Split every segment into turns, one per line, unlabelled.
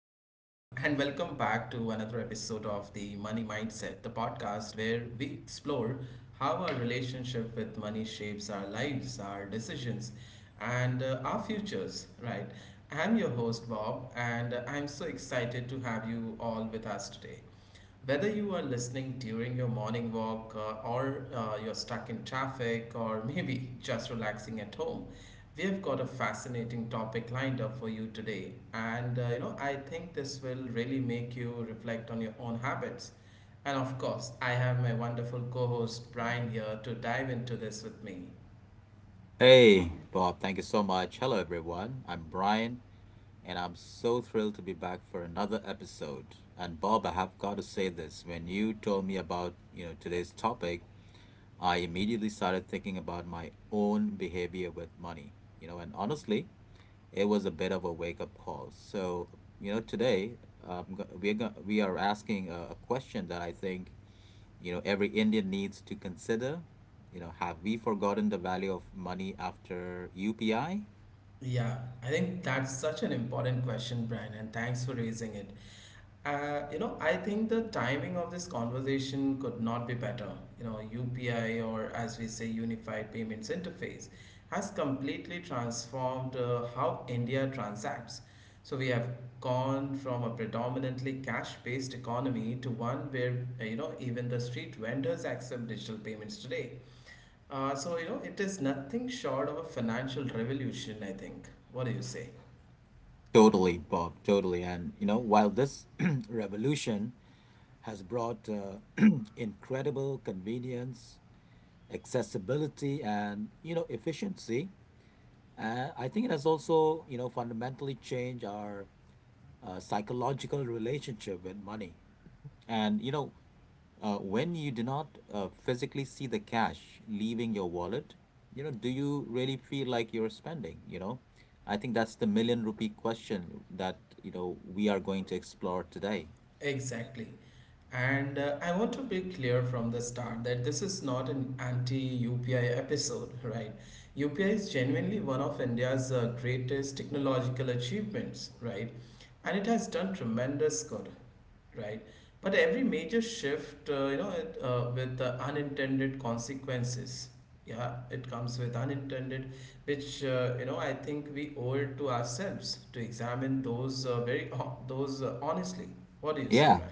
back to another episode of the Money Mindset, the podcast where we explore how our relationship with money shapes our lives, our decisions, and our futures. Right? I'm your host, Bob, and I'm so excited to have you all with us today. Whether you are listening during your morning walk or you're stuck in traffic or maybe just relaxing at home, we have got a fascinating topic lined up for you today. And I think this will really make you reflect on your own habits. And of course, I have my wonderful co host Brian here to dive into this with me.
Hey, Bob, thank you so much. Hello, everyone. I'm Brian, and I'm so thrilled to be back for another episode. And Bob, I have got to say this. When you told me about, today's topic, I immediately started thinking about my own behavior with money. And honestly, it was a bit of a wake-up call. So, today, um, we're we are asking a question that I think every Indian needs to consider. You know, have we forgotten the value of money after UPI?
Yeah, I think that's such an important question, Brian, and thanks for raising it. I think the timing of this conversation could not be better. You know, UPI, or as we say, Unified Payments Interface, has completely transformed how India transacts. So we have gone from a predominantly cash-based economy to one where, even the street vendors accept digital payments today. So it is nothing short of a financial revolution, I think. What do you say?
Totally, Bob, totally. And you know, while this revolution has brought incredible convenience, accessibility, and efficiency. I think it has also fundamentally changed our psychological relationship with money. And you know, when you do not physically see the cash leaving your wallet, you know, do you really feel like you're spending? You know, I think that's the million rupee question that we are going to explore today.
Exactly. And I want to be clear from the start that this is not an anti UPI episode, right? UPI is genuinely one of India's greatest technological achievements, right? And it has done tremendous good, right? But every major shift, with the unintended consequences, yeah, it comes with unintended, which I think we owe it to ourselves to examine those very hon- those honestly. What do you say,
Yeah,
Brian?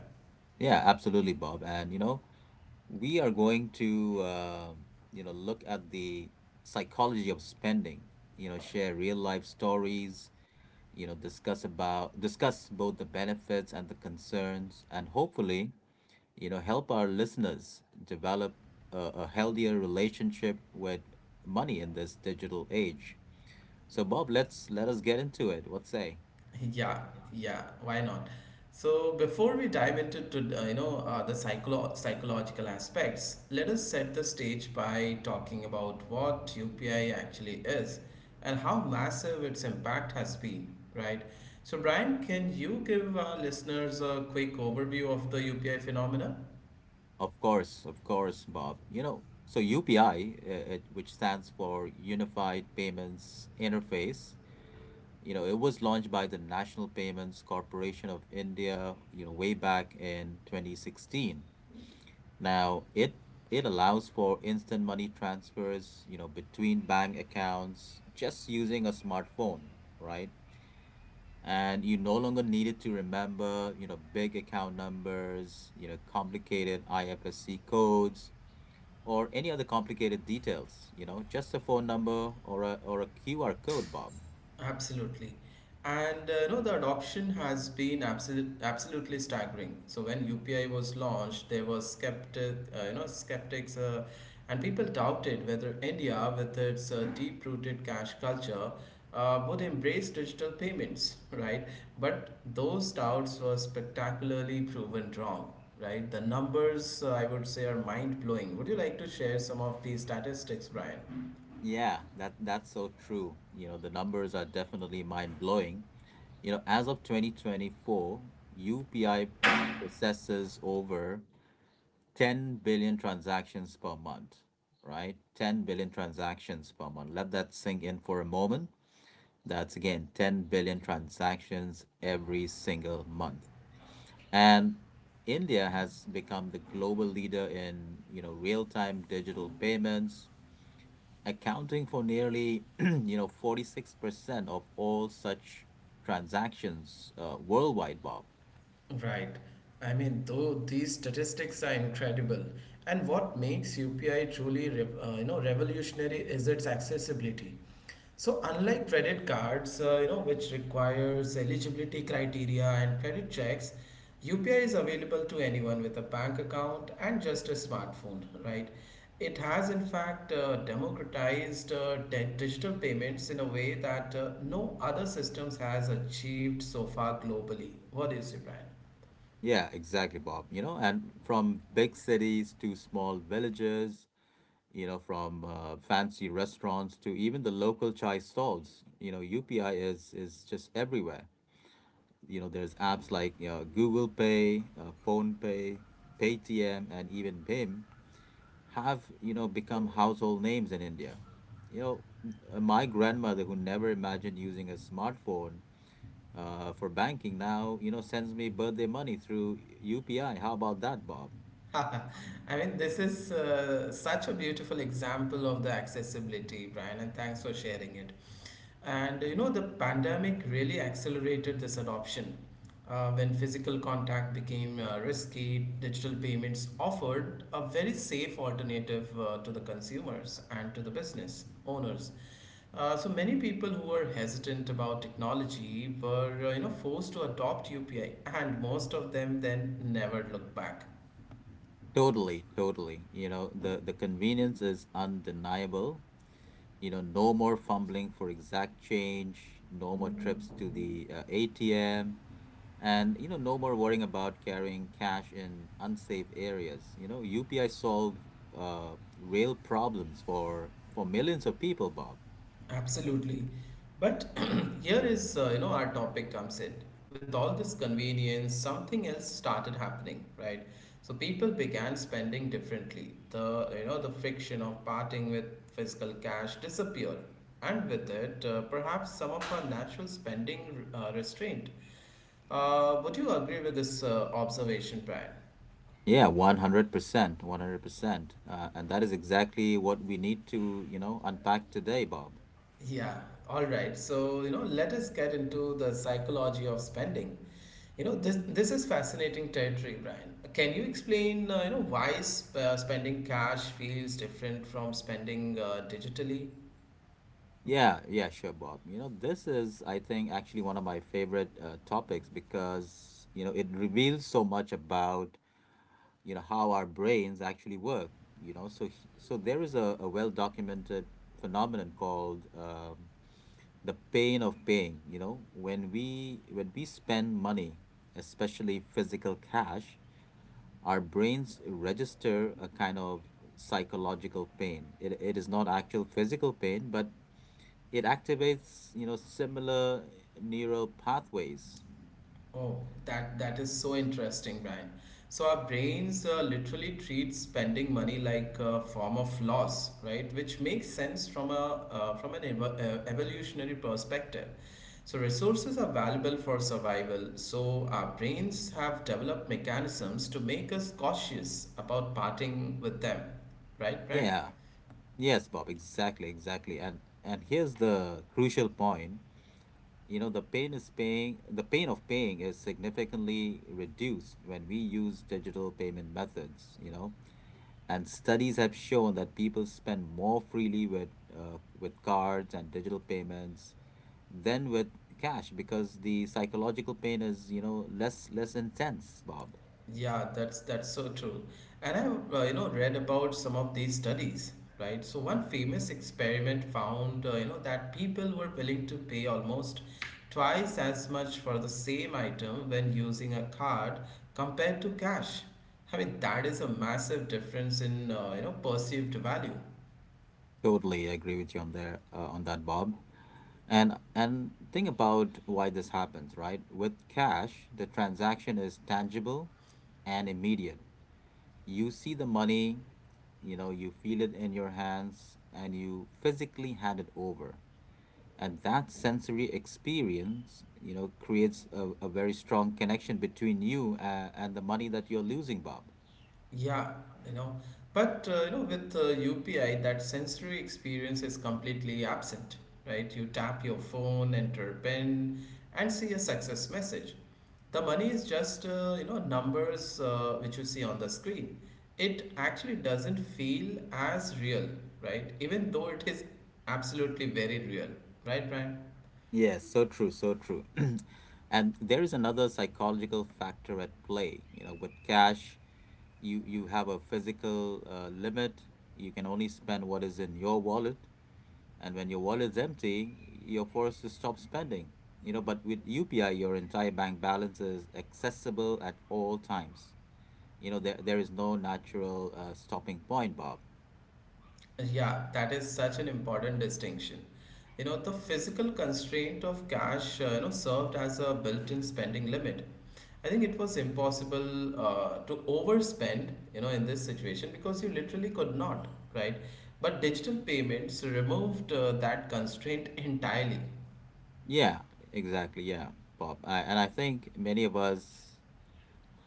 yeah, absolutely, Bob. And you know, we are going to look at the psychology of spending. You know, share real life stories. You know, discuss both the benefits and the concerns, and hopefully, you know, help our listeners develop a, a healthier relationship with money in this digital age. So, Bob, let us get into it. What say?
Yeah, yeah, why not? So before we dive into to, you know the psycholo- psychological aspects, let us set the stage by talking about what UPI actually is and how massive its impact has been, right? So Brian, can you give our listeners a quick overview of the UPI phenomena?
Of course, Bob. You know, so UPI, which stands for Unified Payments Interface, you know, it was launched by the National Payments Corporation of India, you know, way back in 2016. Now, it allows for instant money transfers, you know, between bank accounts just using a smartphone, right? And you no longer needed to remember big account numbers, complicated ifsc codes or any other complicated details, you know, just a phone number or a QR code, Bob.
Absolutely. And you know, the adoption has been absolutely staggering. So when UPI was launched, there was skeptics, and people doubted whether India, with its deep-rooted cash culture, would embrace digital payments, right? But those doubts were spectacularly proven wrong, right? The numbers, I would say, are mind-blowing. Would you like to share some of these statistics, Brian?
Yeah, that's so true. You know, the numbers are definitely mind-blowing. You know, as of 2024, UPI processes over 10 billion transactions per month, right? 10 billion transactions per month. Let that sink in for a moment. That's again 10 billion transactions every single month. And India has become the global leader in, you know, real-time digital payments, accounting for nearly, you know, 46% of all such transactions worldwide, Bob.
Right. I mean, though these statistics are incredible, and what makes UPI truly revolutionary is its accessibility. So, unlike credit cards, which requires eligibility criteria and credit checks, UPI is available to anyone with a bank account and just a smartphone, right? It has, in fact, democratized digital payments in a way that no other systems has achieved so far globally. What do you say, Brian?
Yeah, exactly, Bob. You know, and from big cities to small villages, you know, from fancy restaurants to even the local chai stalls, you know, UPI is just everywhere. You know, there's apps like, you know, Google Pay, Phone Pay, Paytm, and even Bim have, you know, become household names in India. You know, my grandmother, who never imagined using a smartphone for banking, now, you know, sends me birthday money through UPI. How about that, Bob?
I mean, this is such a beautiful example of the accessibility, Brian, and thanks for sharing it. And you know, the pandemic really accelerated this adoption. When physical contact became risky, digital payments offered a very safe alternative to the consumers and to the business owners. So many people who were hesitant about technology were, forced to adopt UPI, and most of them then never looked back.
Totally, you know, the convenience is undeniable. You know, no more fumbling for exact change, no more trips to the ATM, and you know, no more worrying about carrying cash in unsafe areas. You know, UPI solved real problems for millions of people, Bob.
Absolutely. But here is, our topic comes in. With all this convenience, something else started happening, right? So people began spending differently. The friction of parting with physical cash disappeared. And with it, perhaps some of our natural spending restraint. Would you agree with this observation, Brian?
Yeah, 100%. And that is exactly what we need to, you know, unpack today, Bob.
Yeah, all right. So, you know, let us get into the psychology of spending. You know, this is fascinating territory, Brian. Can you explain, why spending cash feels different from spending digitally?
Yeah, sure, Bob. You know, this is, I think, actually one of my favorite topics because, you know, it reveals so much about, you know, how our brains actually work. You know, so there is a well-documented phenomenon called the pain of paying. You know, when we spend money, especially physical cash, our brains register a kind of psychological pain. It is not actual physical pain, but it activates, you know, similar neural pathways.
Oh, that is so interesting, Brian. So our brains literally treat spending money like a form of loss, right? Which makes sense from a from an evolutionary perspective. So resources are valuable for survival. So our brains have developed mechanisms to make us cautious about parting with them, right, Brian?
Yeah. Yes, Bob, exactly. And here's the crucial point. You know, the pain of paying is significantly reduced when we use digital payment methods, you know. And studies have shown that people spend more freely with cards and digital payments than with cash because the psychological pain is, you know, less intense, Bob.
Yeah, that's so true. And I've read about some of these studies, right? So one famous experiment found that people were willing to pay almost twice as much for the same item when using a card compared to cash. I mean that is a massive difference in perceived value.
Totally agree with you on there on that, Bob. And think about why this happens, right? With cash, the transaction is tangible and immediate. You see the money, you know, you feel it in your hands and you physically hand it over. And that sensory experience, you know, creates a very strong connection between you and the money that you're losing, Bob.
Yeah, you know, but with UPI, that sensory experience is completely absent, right? You tap your phone, enter PIN, and see a success message. The money is just numbers which you see on the screen. It actually doesn't feel as real, right? Even though it is absolutely very real, right, Brian?
Yes, so true. And there is another psychological factor at play. You know, with cash, you have a physical limit. You can only spend what is in your wallet, and when your wallet is empty, you're forced to stop spending. You know, but with UPI, your entire bank balance is accessible at all times. You know, there is no natural stopping point, Bob.
Yeah, that is such an important distinction. You know, the physical constraint of cash, served as a built-in spending limit. I think it was impossible to overspend, you know, in this situation because you literally could not, right? But digital payments removed that constraint entirely.
Yeah, exactly. Yeah, Bob. And I think many of us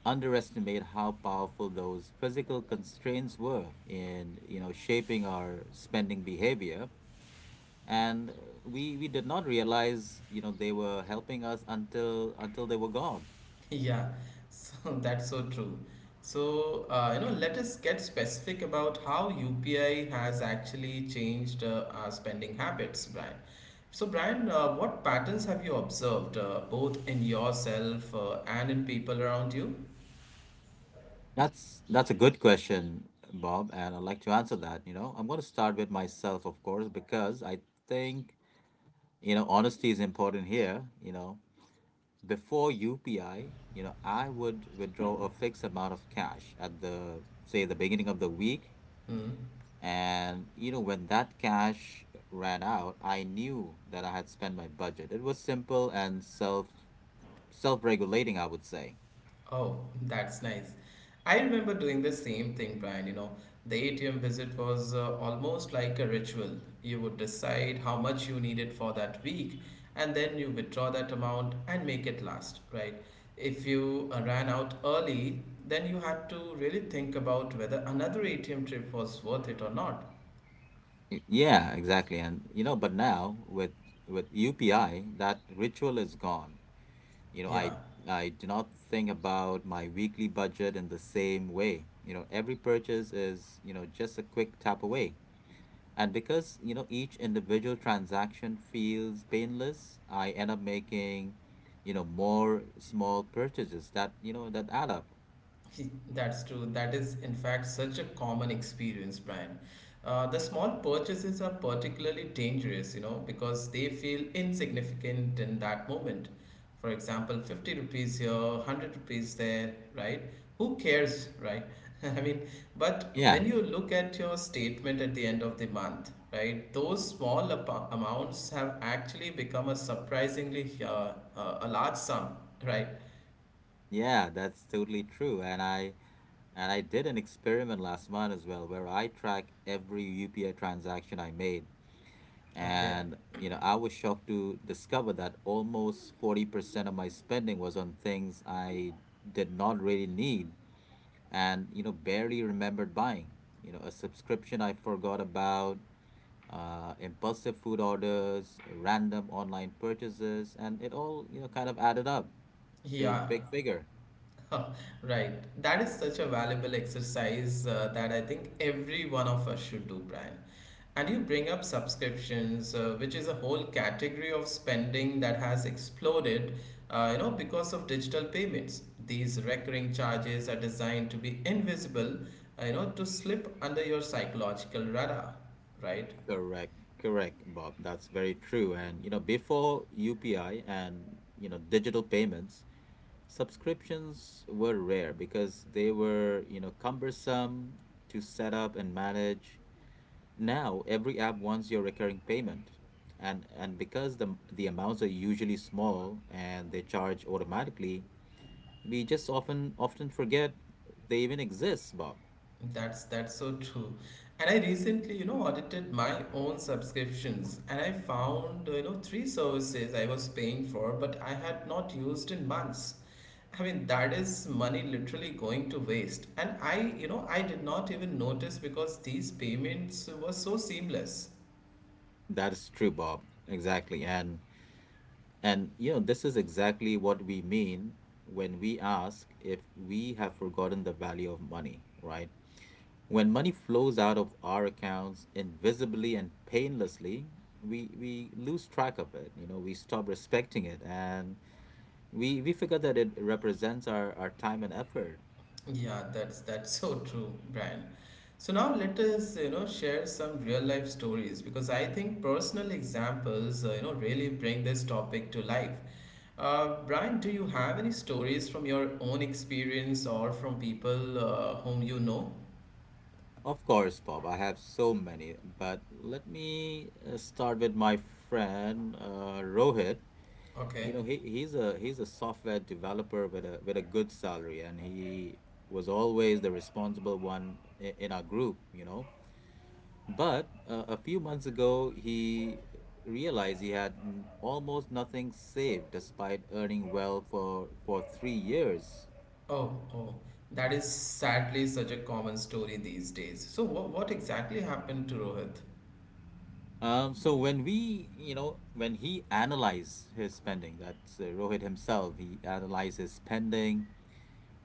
underestimate how powerful those physical constraints were in, you know, shaping our spending behavior. And uh, we we did not realize, you know, they were helping us until they were gone.
Yeah, so that's so true. So, let us get specific about how UPI has actually changed our spending habits, Brian. So, Brian, what patterns have you observed, both in yourself and in people around you?
That's a good question, Bob, and I'd like to answer that. You know, I'm going to start with myself, of course, because I think, you know, honesty is important here. You know, before UPI, you know, I would withdraw a fixed amount of cash at the say the beginning of the week.
Hmm.
And you know, when that cash ran out, I knew that I had spent my budget. It was simple and self-regulating, I would say.
Oh, that's nice. I remember doing the same thing, Brian. You know, the ATM visit was almost like a ritual. You would decide how much you needed for that week, and then you withdraw that amount and make it last, right? If you ran out early, then you had to really think about whether another ATM trip was worth it or not.
Yeah, exactly. And you know, but now with UPI, that ritual is gone. You know,
Yeah.
I do not think about my weekly budget in the same way. You know, every purchase is, you know, just a quick tap away. And because, you know, each individual transaction feels painless, I end up making, you know, more small purchases that, you know, that add up.
That's true. That is, in fact, such a common experience, Brian. The small purchases are particularly dangerous, you know, because they feel insignificant in that moment. For example, 50 rupees here, 100 rupees there, right? Who cares, right? I mean, but
Yeah.
when you look at your statement at the end of the month, right, those small amounts have actually become a surprisingly a large sum, right?
Yeah, that's totally true. And I did an experiment last month as well where I track every UPI transaction I made.
Okay.
And, you know, I was shocked to discover that almost 40% of my spending was on things I did not really need, and you know, barely remembered buying. You know, a subscription I forgot about, impulsive food orders, random online purchases, and it all, you know, kind of added up to a
Yeah,
big figure.
right. That is such a valuable exercise that I think every one of us should do, Brian. And you bring up subscriptions, which is a whole category of spending that has exploded, because of digital payments. These recurring charges are designed to be invisible, to slip under your psychological radar, right?
Correct correct Bob, that's very true. And you know, before UPI and, you know, digital payments, subscriptions were rare because they were, you know, cumbersome to set up and manage. Now, every app wants your recurring payment. And because the amounts are usually small and they charge automatically, we just often forget they even exist, Bob.
That's so true. And I recently, you know, audited my own subscriptions and I found, you know, three services I was paying for but I had not used in months. I mean, that is money literally going to waste. And I, you know, I did not even notice because these payments were so seamless.
That is true, Bob. Exactly. And you know, this is exactly what we mean when we ask if we have forgotten the value of money, right? When money flows out of our accounts invisibly and painlessly, we lose track of it. You know, we stop respecting it, and we forget that it represents our time and effort.
Yeah, that's so true, Brian. So now let us, you know, share some real life stories because I think personal examples, really bring this topic to life. Brian, do you have any stories from your own experience or from people whom you know?
Of course, Bob, I have so many, but let me start with my friend Rohit.
Okay.
You know, he's a software developer with a good salary, and he was always the responsible one in our group. You know, but a few months ago, he realized he had almost nothing saved, despite earning well for 3 years.
Oh, that is sadly such a common story these days. So, what exactly happened to Rohit?
So when we, when he analyzed his spending, that's Rohit himself, he analyzed his spending.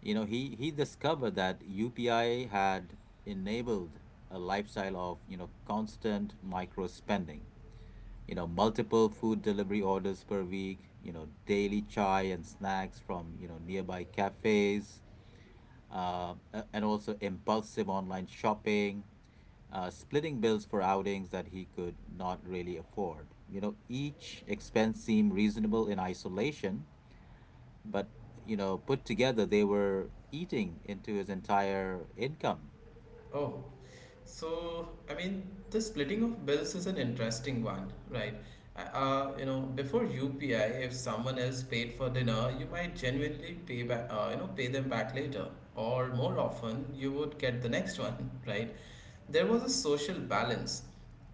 You know, he discovered that UPI had enabled a lifestyle of, you know, constant micro spending. You know, multiple food delivery orders per week. You know, daily chai and snacks from, you know, nearby cafes, and also impulsive online shopping, splitting bills for outings that he could not really afford. You know, each expense seemed reasonable in isolation, but, you know, put together, they were eating into his entire income.
Oh, so I mean, the splitting of bills is an interesting one, right? Before UPI, if someone else paid for dinner, you might genuinely pay them back later, or more often, you would get the next one, right? There was a social balance,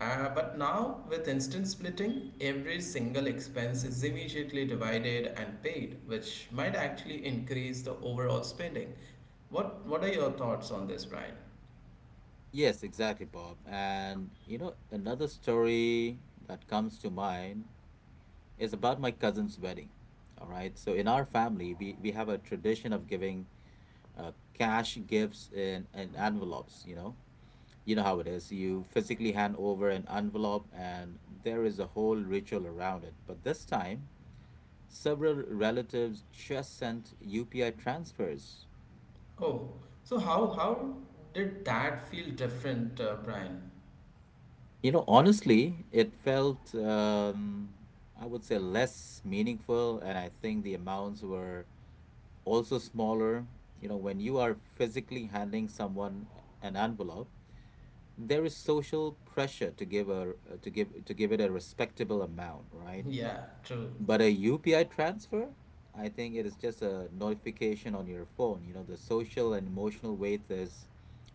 but now with instant splitting, every single expense is immediately divided and paid, which might actually increase the overall spending. What are your thoughts on this, Brian?
Yes, exactly, Bob. And you know, another story that comes to mind is about my cousin's wedding. All right. So in our family, we have a tradition of giving cash, gifts, and, envelopes. You know how it is. You physically hand over an envelope, and there is a whole ritual around it. But this time, several relatives just sent UPI transfers.
Oh, so how did that feel different, Brian?
You know, honestly, it felt, I would say, less meaningful, and I think the amounts were also smaller. You know, when you are physically handing someone an envelope, there is social pressure to give to give it a respectable amount, right?
Yeah, true.
But a UPI transfer, I think it is just a notification on your phone. You know, the social and emotional weight is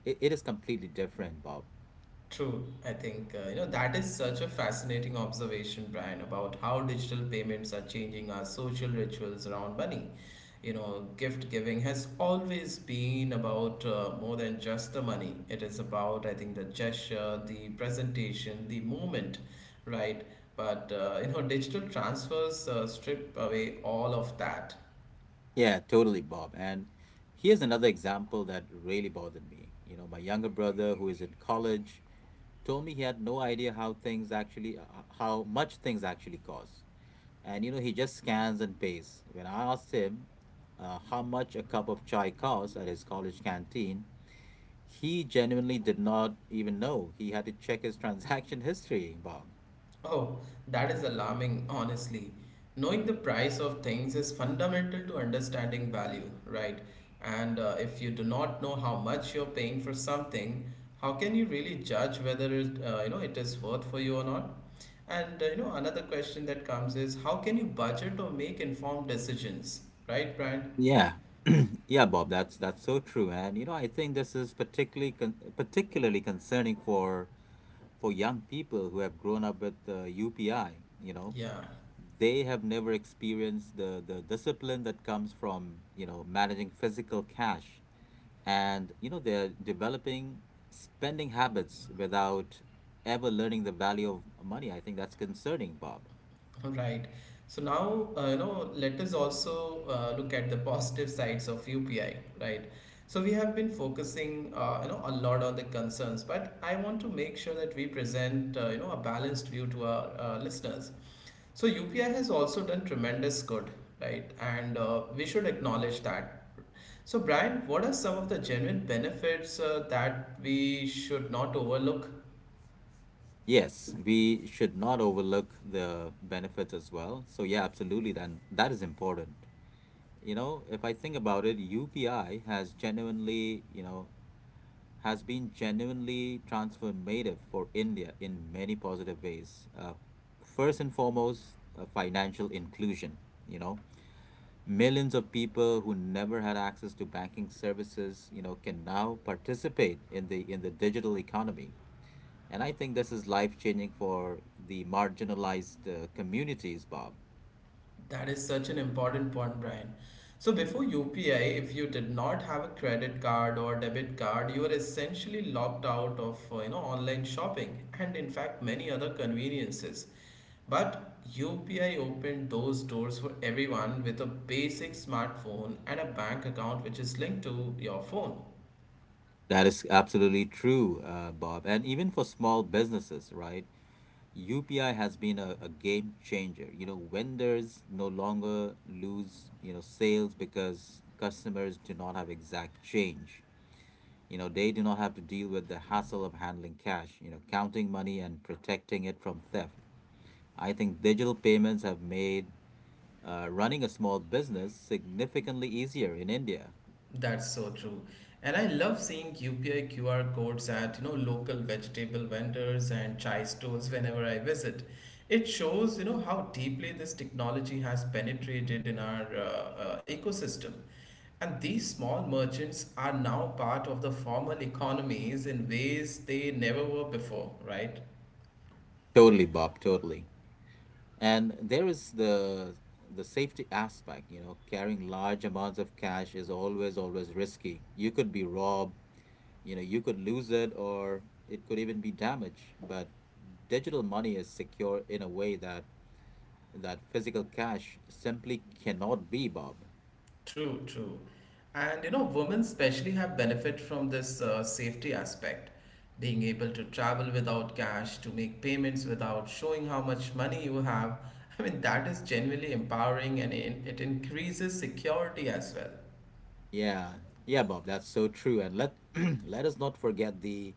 it is completely different, Bob.
True, I think that is such a fascinating observation, Brian, about how digital payments are changing our social rituals around money. You know, gift giving has always been about more than just the money. It is about, I think, the gesture, the presentation, the moment, right? But digital transfers strip away all of that.
Yeah, totally, Bob. And here's another example that really bothered me. You know, my younger brother, who is in college, told me he had no idea how things actually, how much things actually cost. And, you know, he just scans and pays. When I asked him how much a cup of chai costs at his college canteen, he genuinely did not even know. He had to check his transaction history, Bob.
Oh, that is alarming, honestly. Knowing the price of things is fundamental to understanding value, right? And if you do not know how much you're paying for something, how can you really judge whether it, it is worth for you or not? And another question that comes is how can you budget or make informed decisions, right, Brian?
Yeah, yeah, Bob, that's so true, and you know I think this is particularly concerning for young people who have grown up with UPI. You know,
Yeah.
they have never experienced the discipline that comes from you know managing physical cash, and you know they're developing spending habits without ever learning the value of money. I think that's concerning, Bob.
Right. So now, let us also look at the positive sides of UPI, right? So we have been focusing, a lot on the concerns, but I want to make sure that we present, a balanced view to our listeners. So UPI has also done tremendous good, right? And we should acknowledge that. So Brian, what are some of the genuine benefits that we should not overlook?
Yes, we should not overlook the benefits as well. So, yeah, absolutely. Then that is important. You know, if I think about it, UPI has genuinely, you know, has been genuinely transformative for India in many positive ways. First and foremost, financial inclusion. You know, millions of people who never had access to banking services, you know, can now participate in the digital economy, and I think this is life changing for the marginalized communities, Bob.
That is such an important point, Brian. So before UPI, if you did not have a credit card or debit card, you were essentially locked out of online shopping and in fact many other conveniences. But UPI opened those doors for everyone with a basic smartphone and a bank account which is linked to your phone.
That is absolutely true, Bob. And even for small businesses, right? UPI has been a game changer. You know, vendors no longer lose, you know, sales because customers do not have exact change. You know, they do not have to deal with the hassle of handling cash, you know, counting money and protecting it from theft. I think digital payments have made running a small business significantly easier in India.
That's so true. And I love seeing UPI QR codes at, you know, local vegetable vendors and chai stores whenever I visit. It shows, you know, how deeply this technology has penetrated in our ecosystem. And these small merchants are now part of the formal economies in ways they never were before, right?
Totally, Bob, totally. And there is the safety aspect. You know, carrying large amounts of cash is always risky. You could be robbed, you know, you could lose it, or it could even be damaged, but digital money is secure in a way that physical cash simply cannot be, Bob.
True, true. And you know, women especially have benefit from this safety aspect, being able to travel without cash, to make payments without showing how much money you have. I mean, that is genuinely empowering and it increases security as well.
Yeah, yeah, Bob, that's so true. And let let us not forget the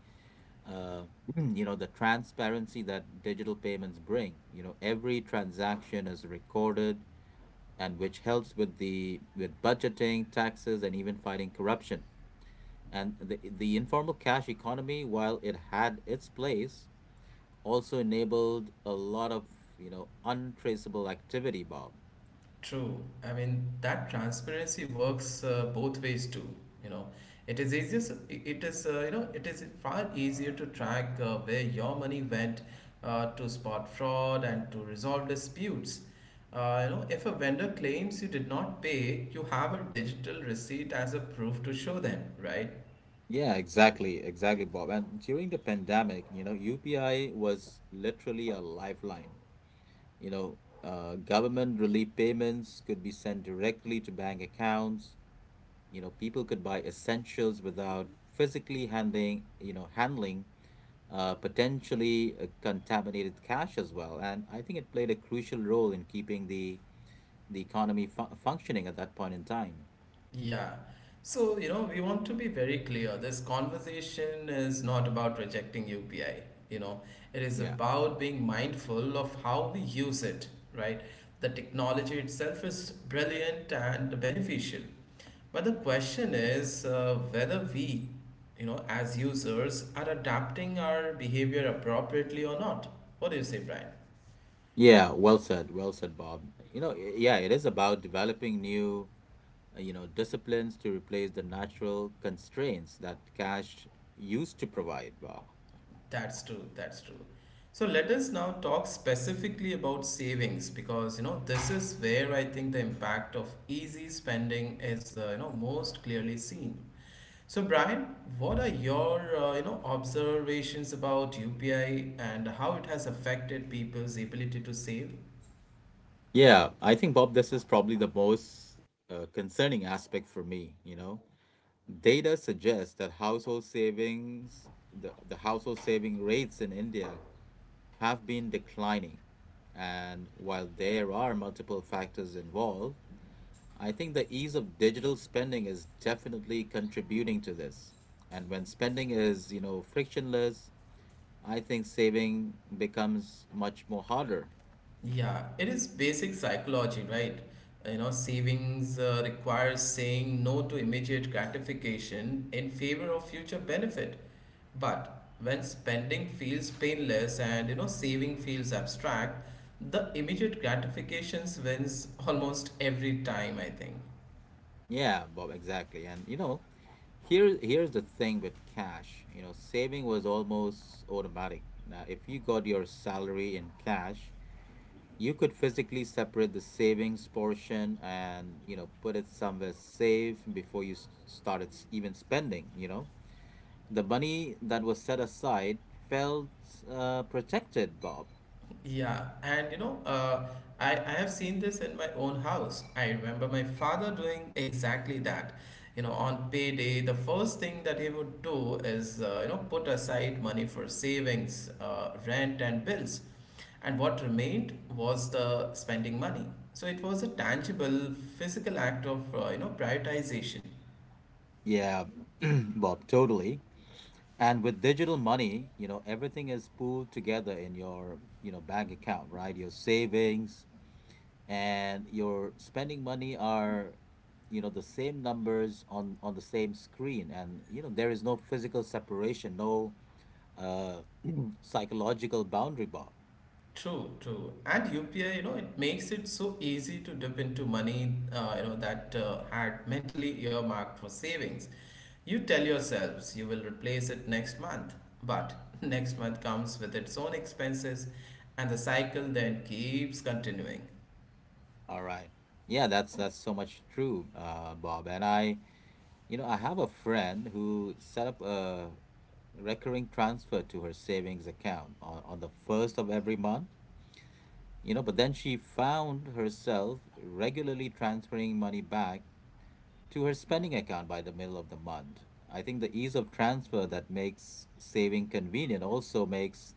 uh, you know, the transparency that digital payments bring. You know, every transaction is recorded, and which helps with the with budgeting, taxes, and even fighting corruption. And the informal cash economy, while it had its place, also enabled a lot of you know untraceable activity, Bob.
True. I mean, that transparency works both ways too. You know, it is easier. It is, you know, it is far easier to track where your money went to spot fraud and to resolve disputes. You know, if a vendor claims you did not pay, you have a digital receipt as a proof to show them, right?
Yeah, exactly, exactly, Bob. And during the pandemic, you know, UPI was literally a lifeline. You know, government relief payments could be sent directly to bank accounts. You know, people could buy essentials without physically handling, potentially contaminated cash as well. And I think it played a crucial role in keeping the economy functioning at that point in time.
Yeah. So, you know, we want to be very clear. This conversation is not about rejecting UPI. You know, it is
Yeah.
about being mindful of how we use it, right? The technology itself is brilliant and beneficial. But the question is whether we, you know, as users are adapting our behavior appropriately or not. What do you say, Brian?
Yeah, well said, Bob. You know, yeah, it is about developing new you know, disciplines to replace the natural constraints that cash used to provide, Bob.
That's true. That's true. So let us now talk specifically about savings because you know this is where I think the impact of easy spending is, you know, most clearly seen. So Brian, what are your you know observations about UPI and how it has affected people's ability to save?
Yeah, I think, Bob, this is probably the most concerning aspect for me, you know. Data suggests that household savings, the household saving rates in India have been declining. And while there are multiple factors involved, I think the ease of digital spending is definitely contributing to this. And when spending is, you know, frictionless, I think saving becomes much more harder.
Yeah, it is basic psychology, right? You know, savings requires saying no to immediate gratification in favor of future benefit. But when spending feels painless and you know saving feels abstract, the immediate gratifications wins almost every time, I think.
Yeah, Bob, exactly. And you know, here's the thing with cash. You know, saving was almost automatic. Now, if you got your salary in cash, you could physically separate the savings portion, and you know put it somewhere safe before you even spending. You know, the money that was set aside felt protected, Bob.
Yeah, and I have seen this in my own house. I remember my father doing exactly that. You know, on payday, the first thing that he would do is, put aside money for savings, rent, and bills. And what remained was the spending money. So it was a tangible, physical act of, prioritization.
Yeah, Bob, totally. And with digital money, you know, everything is pooled together in your, you know, bank account, right? Your savings and your spending money are, you know, the same numbers on the same screen, and, you know, there is no physical separation, no uh psychological boundary, Bob.
True, true. And UPI, you know, it makes it so easy to dip into money, that had mentally earmarked for savings. You tell yourselves you will replace it next month, but next month comes with its own expenses, and the cycle then keeps continuing.
All right. Yeah, that's so much true, Bob. And I You know, I have a friend who set up a recurring transfer to her savings account on, the first of every month, you know, but then she found herself regularly transferring money back to her spending account by the middle of the month. I think the ease of transfer that makes saving convenient also makes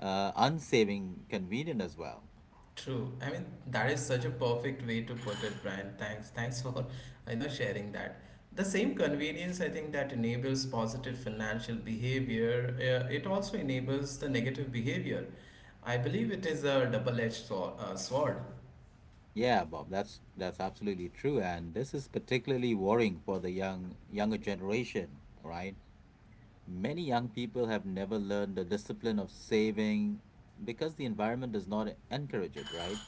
unsaving convenient as well.
True. I mean, that is such a perfect way to put it, Brian. Thanks. Thanks for, you know, sharing that. The same convenience, I think, that enables positive financial behavior, it also enables the negative behavior. I believe it is a double-edged sword, sword.
Yeah, Bob, that's absolutely true, and this is particularly worrying for the younger generation, right? Many young people have never learned the discipline of saving because the environment does not encourage it, right?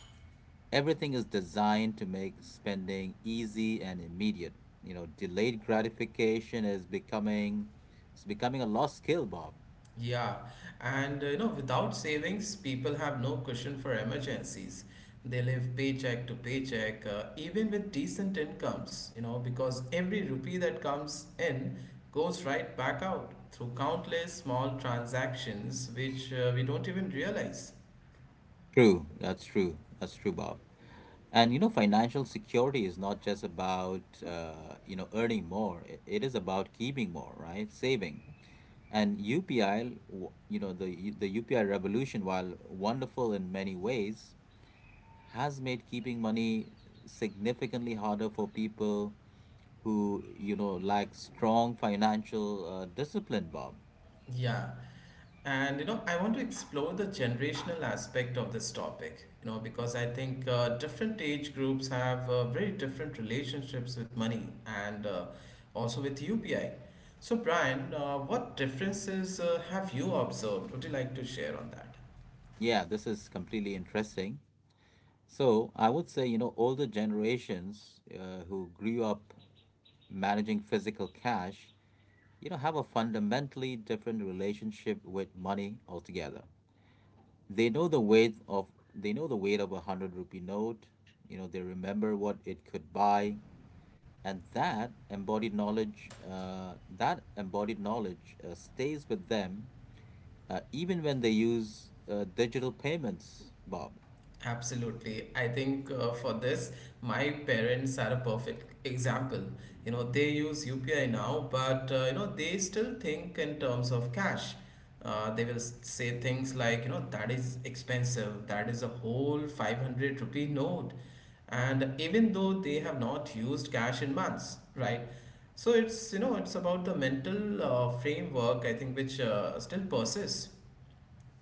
Everything is designed to make spending easy and immediate. You know, delayed gratification is becoming it's becoming a lost skill, Bob.
Yeah, and without savings, people have no cushion for emergencies. They live paycheck to paycheck, even with decent incomes, you know, because every rupee that comes in goes right back out through countless small transactions which we don't even realize.
True, that's true. That's true, Bob. And you know, financial security is not just about you know earning more. It is about keeping more, right? Saving. And UPI, you know, the UPI revolution, while wonderful in many ways, has made keeping money significantly harder for people who you know lack strong financial discipline, Bob.
Yeah, and you know, I want to explore the generational aspect of this topic, you know, because I think different age groups have very different relationships with money and also with UPI. So, Brian, what differences have you observed? Would you like to share on that?
Yeah, this is completely interesting. So I would say, you know, older generations who grew up managing physical cash, you know, have a fundamentally different relationship with money altogether. They know the weight of they know the weight of a hundred rupee note. You know, they remember what it could buy, and that embodied knowledge stays with them even when they use digital payments, Bob.
Absolutely. I think for this, my parents are a perfect example. You know, they use UPI now, but you know, they still think in terms of cash. They will say things like, you know, that is expensive, that is a whole 500 rupee note. And even though they have not used cash in months, right? So it's, you know, it's about the mental framework, I think, which still persists.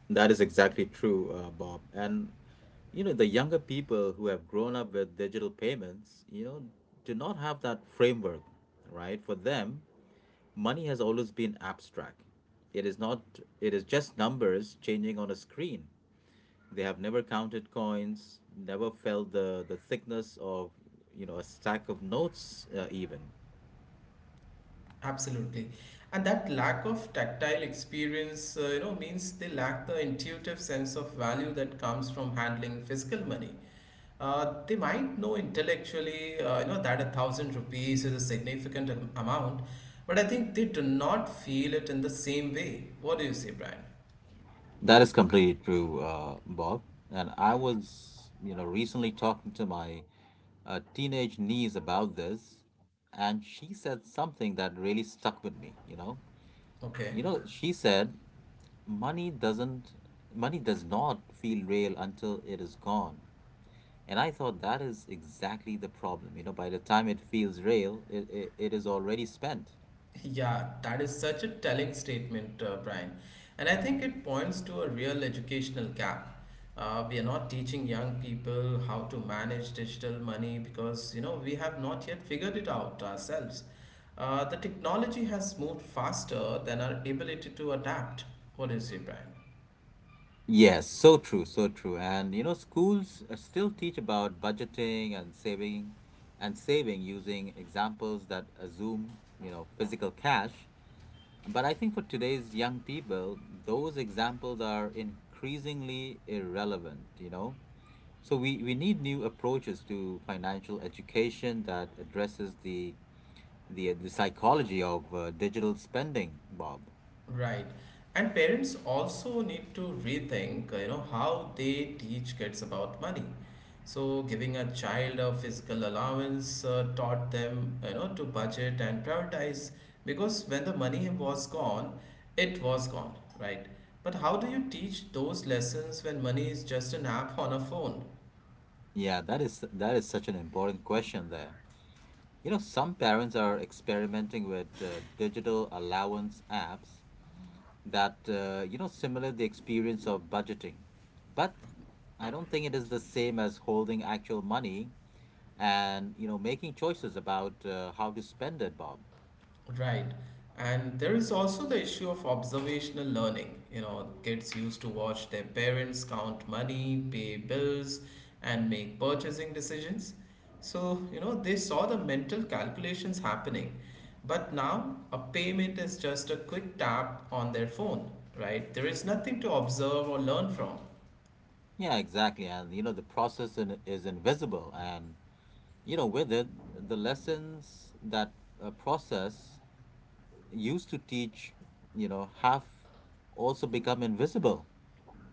That is exactly true, Bob. And you know, the younger people who have grown up with digital payments, you know, do not have that framework, right? For them, money has always been abstract. It is not It is just numbers changing on a screen. They have never counted coins, never felt the thickness of, you know, a stack of notes even.
Absolutely. And that lack of tactile experience, means they lack the intuitive sense of value that comes from handling physical money. They might know intellectually, that a thousand rupees is a significant amount, but I think they do not feel it in the same way. What do you say, Brian?
That is completely true, Bob. And I was, you know, recently talking to my teenage niece about this, and she said something that really stuck with me.
Okay.
She said, "Money doesn't, Money does not feel real until it is gone." And I thought that is exactly the problem. You know, by the time it feels real, it is already spent.
Yeah, that is such a telling statement, Brian. And I think it points to a real educational gap. We are not teaching young people how to manage digital money because, you know, we have not yet figured it out ourselves. The technology has moved faster than our ability to adapt. What do you say, Brian?
Yes, so true, so true. And you know, schools still teach about budgeting and saving using examples that assume, you know, physical cash. But I think for today's young people, those examples are increasingly irrelevant, you know. So we need new approaches to financial education that addresses the the psychology of digital spending, Bob.
Right. And parents also need to rethink, you know, how they teach kids about money. So giving a child a physical allowance taught them, you know, to budget and prioritize because when the money was gone, it was gone, right? But how do you teach those lessons when money is just an app on a phone?
Yeah, that is such an important question there. You know, some parents are experimenting with digital allowance apps that, you know, similar the experience of budgeting. But I don't think it is the same as holding actual money and, you know, making choices about how to spend it, Bob.
Right. And there is also the issue of observational learning. You know, kids used to watch their parents count money, pay bills, and make purchasing decisions. So, you know, they saw the mental calculations happening. But now a payment is just a quick tap on their phone, right? There is nothing to observe or learn from.
Yeah, exactly. And, you know, is invisible. And, you know, with it, the lessons that process used to teach, you know, have also become invisible.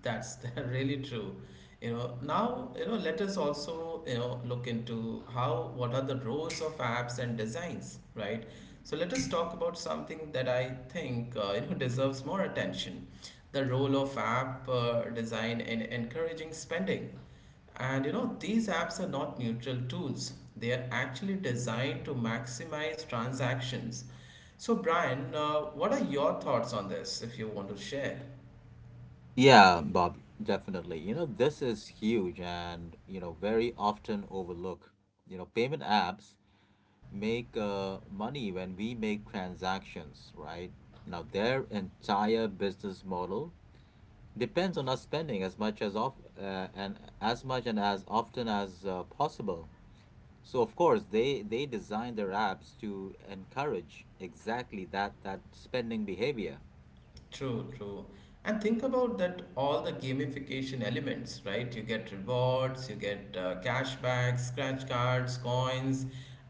That's really true. You know, now, you know, let us also, you know, look into how, what are the roles of apps and designs, right? So let us talk about something that I think, you know, deserves more attention. The role of app design in encouraging spending. And you know, these apps are not neutral tools. They are actually designed to maximize transactions. So, Brian, what are your thoughts on this if you want to share?
Yeah, Bob, definitely. You know, this is huge and, you know, very often overlooked. You know, payment apps make money when we make transactions, right? Now, their entire business model depends on us spending as much and as often as possible. So, of course, they design their apps to encourage exactly that spending behavior.
True, true. And think about that all the gamification elements, right? You get rewards, you get cashback, scratch cards, coins,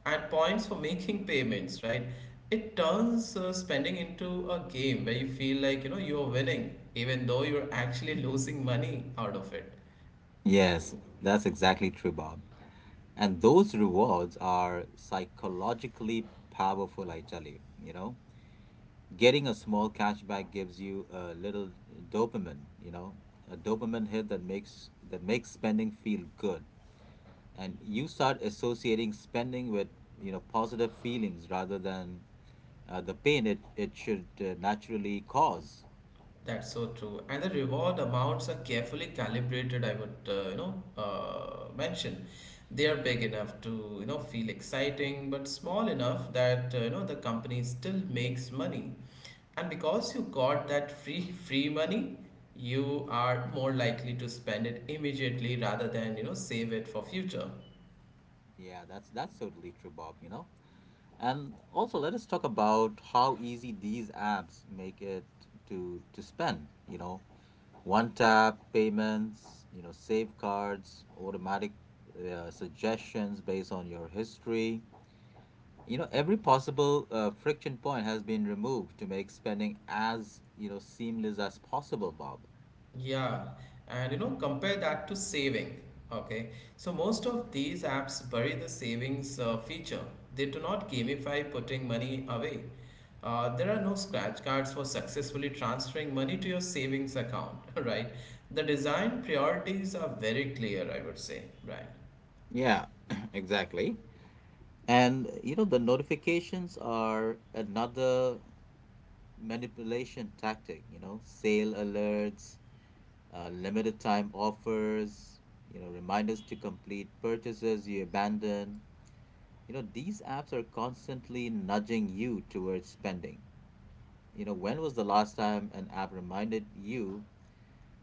and points for making payments, right? It turns spending into a game where you feel like, you know, you're winning, even though you're actually losing money out of it.
Yes, that's exactly true, Bob. And those rewards are psychologically powerful, I tell you. You know, getting a small cashback gives you a little dopamine, you know, a dopamine hit that makes spending feel good. And you start associating spending with, you know, positive feelings rather than the pain it should naturally cause.
That's so true. And the reward amounts are carefully calibrated, I would, mention. They are big enough to, you know, feel exciting, but small enough that, you know, the company still makes money. And because you got that free free money, you are more likely to spend it immediately rather than, you know, save it for future.
Yeah, that's totally true, Bob, you know. And also, let us talk about how easy these apps make it to spend. You know, one tap payments. You know, save cards, automatic suggestions based on your history. You know, every possible friction point has been removed to make spending as you know seamless as possible, Bob.
Yeah, and you know, compare that to saving. Okay, so most of these apps bury the savings feature. They do not gamify putting money away. There are no scratch cards for successfully transferring money to your savings account, right? The design priorities are very clear, I would say, Brian.
Yeah, exactly. And you know, the notifications are another manipulation tactic, you know, sale alerts, limited time offers, you know, reminders to complete purchases you abandon. You know, these apps are constantly nudging you towards spending. You know, when was the last time an app reminded you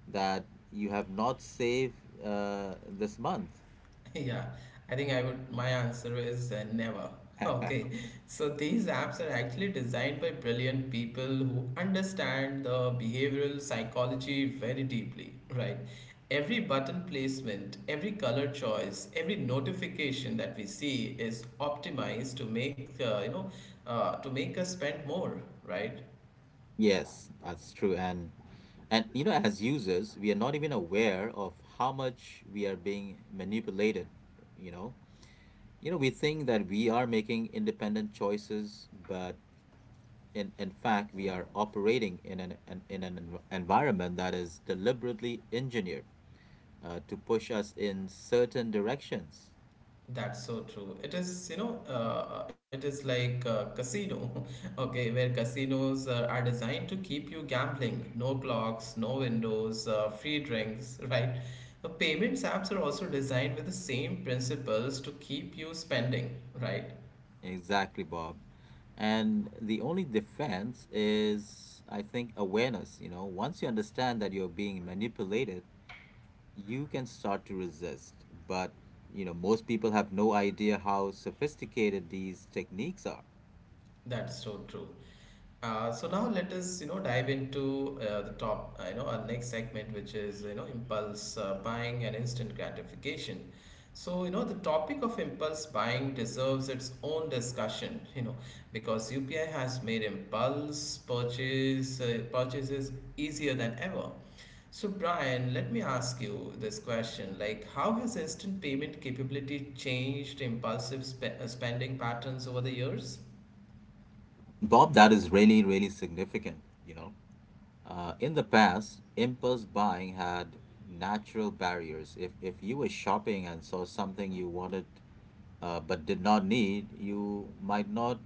that you have not saved this month?
Yeah, I think I would. My answer is never. Okay, so these apps are actually designed by brilliant people who understand the behavioral psychology very deeply, right? Every button placement, every color choice, every notification that we see is optimized to make to make us spend more, right?
Yes, that's true. And as users, we are not even aware of how much we are being manipulated, you know. We think that we are making independent choices, but in fact, we are operating in an environment that is deliberately engineered to push us in certain directions.
That's so true. It is, you know, it is like a casino, okay, where casinos are designed to keep you gambling. No clocks, no windows, free drinks, right? The payments apps are also designed with the same principles to keep you spending, right?
Exactly, Bob. And the only defense is, I think, awareness. Once you understand that you're being manipulated, you can start to resist. But, most people have no idea how sophisticated these techniques are.
That's so true. So now let us you know dive into the top you know our next segment which is you know impulse buying and instant gratification. So you know the topic of impulse buying deserves its own discussion you know because UPI has made impulse purchases easier than ever. So Brian, let me ask you this question like how has instant payment capability changed impulsive spending patterns over the years?
Bob, that is really, really significant. In the past, impulse buying had natural barriers. If you were shopping and saw something you wanted, but did not need, you might not,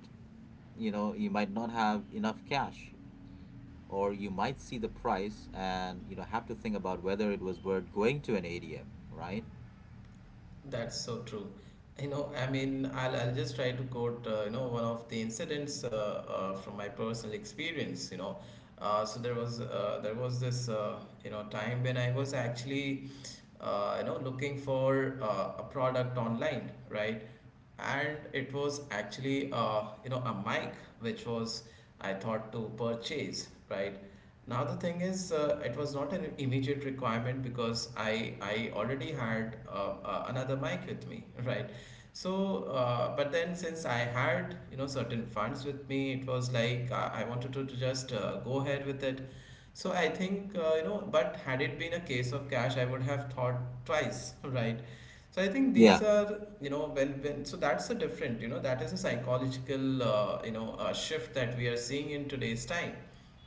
you know, you might not have enough cash, or you might see the price and have to think about whether it was worth going to an ATM, right?
That's so true. You know, I mean, I'll just try to quote, you know, one of the incidents from my personal experience, you know. There was this you know time when I was actually you know looking for a product online, right? And it was actually a mic which was I thought to purchase, right? Now the thing is it was not an immediate requirement because I already had another mic with me right. So but then since I had you know certain funds with me, it was like I wanted to just go ahead with it. So I think but had it been a case of cash, I would have thought twice right. So I think
Yeah.
these are, you know, when that's a different, you know, that is a psychological, you know, shift that we are seeing in today's time.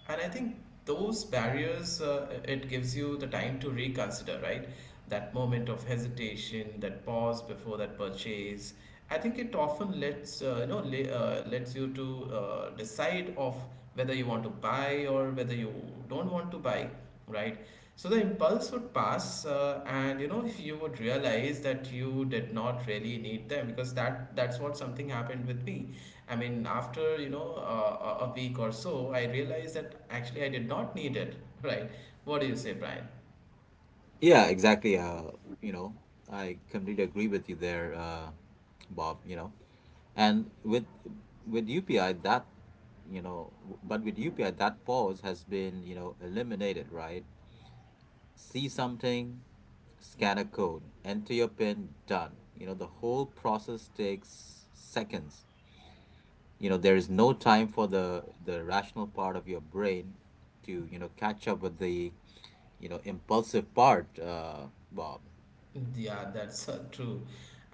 And I think those barriers, it gives you the time to reconsider, right? That moment of hesitation, that pause before that purchase. I think it often lets, lets you to decide of whether you want to buy or whether you don't want to buy, right? So the impulse would pass, and you know you would realize that you did not really need them because that's what something happened with me. I mean, after you know a week or so, I realized that actually I did not need it. Right? What do you say, Brian?
Yeah, exactly. You know, I completely agree with you there, Bob. And with UPI that pause has been, eliminated, right? See something, scan a code, enter your PIN, done. The whole process takes seconds. There is no time for the rational part of your brain to, catch up with the, impulsive part, Bob.
Yeah, that's true.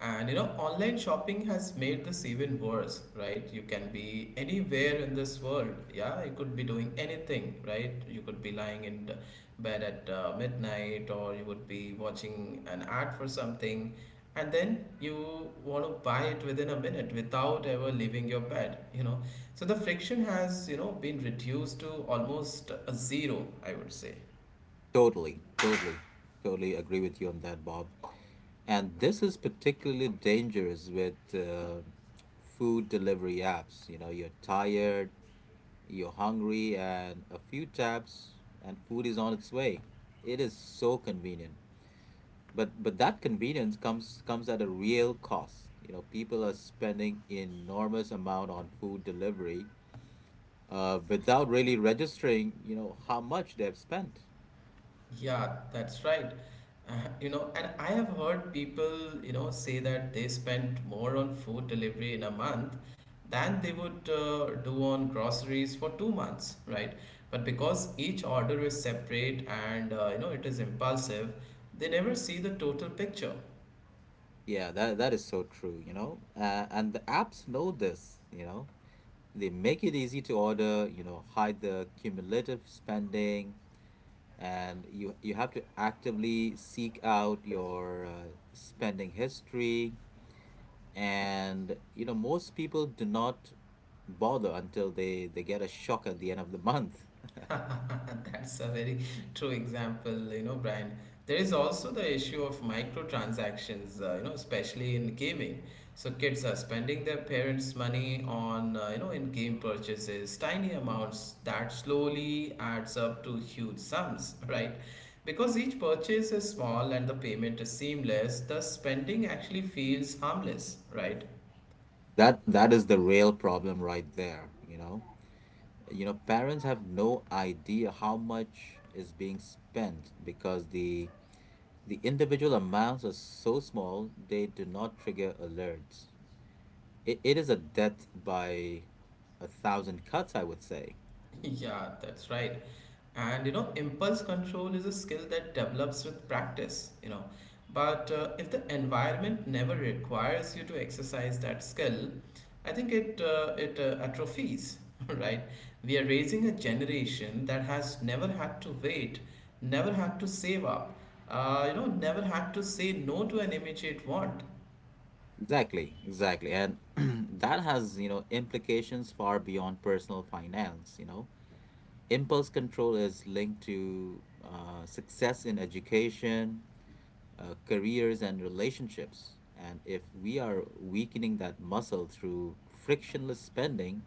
And you know, online shopping has made this even worse, right? You can be anywhere in this world. Yeah, you could be doing anything, right? You could be lying in the bed at midnight, or you would be watching an ad for something, and then you want to buy it within a minute without ever leaving your bed, you know. So the friction has, you know, been reduced to almost a zero, I would say.
Totally, totally, totally agree with you on that, Bob. And this is particularly dangerous with food delivery apps. You're tired, you're hungry, and a few taps, and food is on its way. It is so convenient. But that convenience comes at a real cost. People are spending enormous amount on food delivery without really registering, how much they've spent.
Yeah, that's right. Uh, you know, and I have heard people, you know, say that they spent more on food delivery in a month than they would do on groceries for 2 months, right? But because each order is separate and, you know, it is impulsive, they never see the total picture.
Yeah, that is so true. And the apps know this. They make it easy to order, hide the cumulative spending, and you have to actively seek out your spending history. Most people do not bother until they get a shock at the end of the month.
That's a very true example, you know, Brian. There is also the issue of microtransactions, you know, especially in gaming. So kids are spending their parents' money on, you know, in-game purchases, tiny amounts that slowly adds up to huge sums, right? Because each purchase is small and the payment is seamless, the spending actually feels harmless, right?
That is the real problem right there. Parents have no idea how much is being spent because the individual amounts are so small they do not trigger alerts. It is a death by a thousand cuts. I would say.
Yeah, that's right. And you know, impulse control is a skill that develops with practice, you know. But if the environment never requires you to exercise that skill, I think it atrophies, right? We are raising a generation that has never had to wait, never had to save up, you know, never had to say no to an immediate want.
Exactly, exactly. And that has implications far beyond personal finance. Impulse control is linked to success in education, careers and relationships. And if we are weakening that muscle through frictionless spending,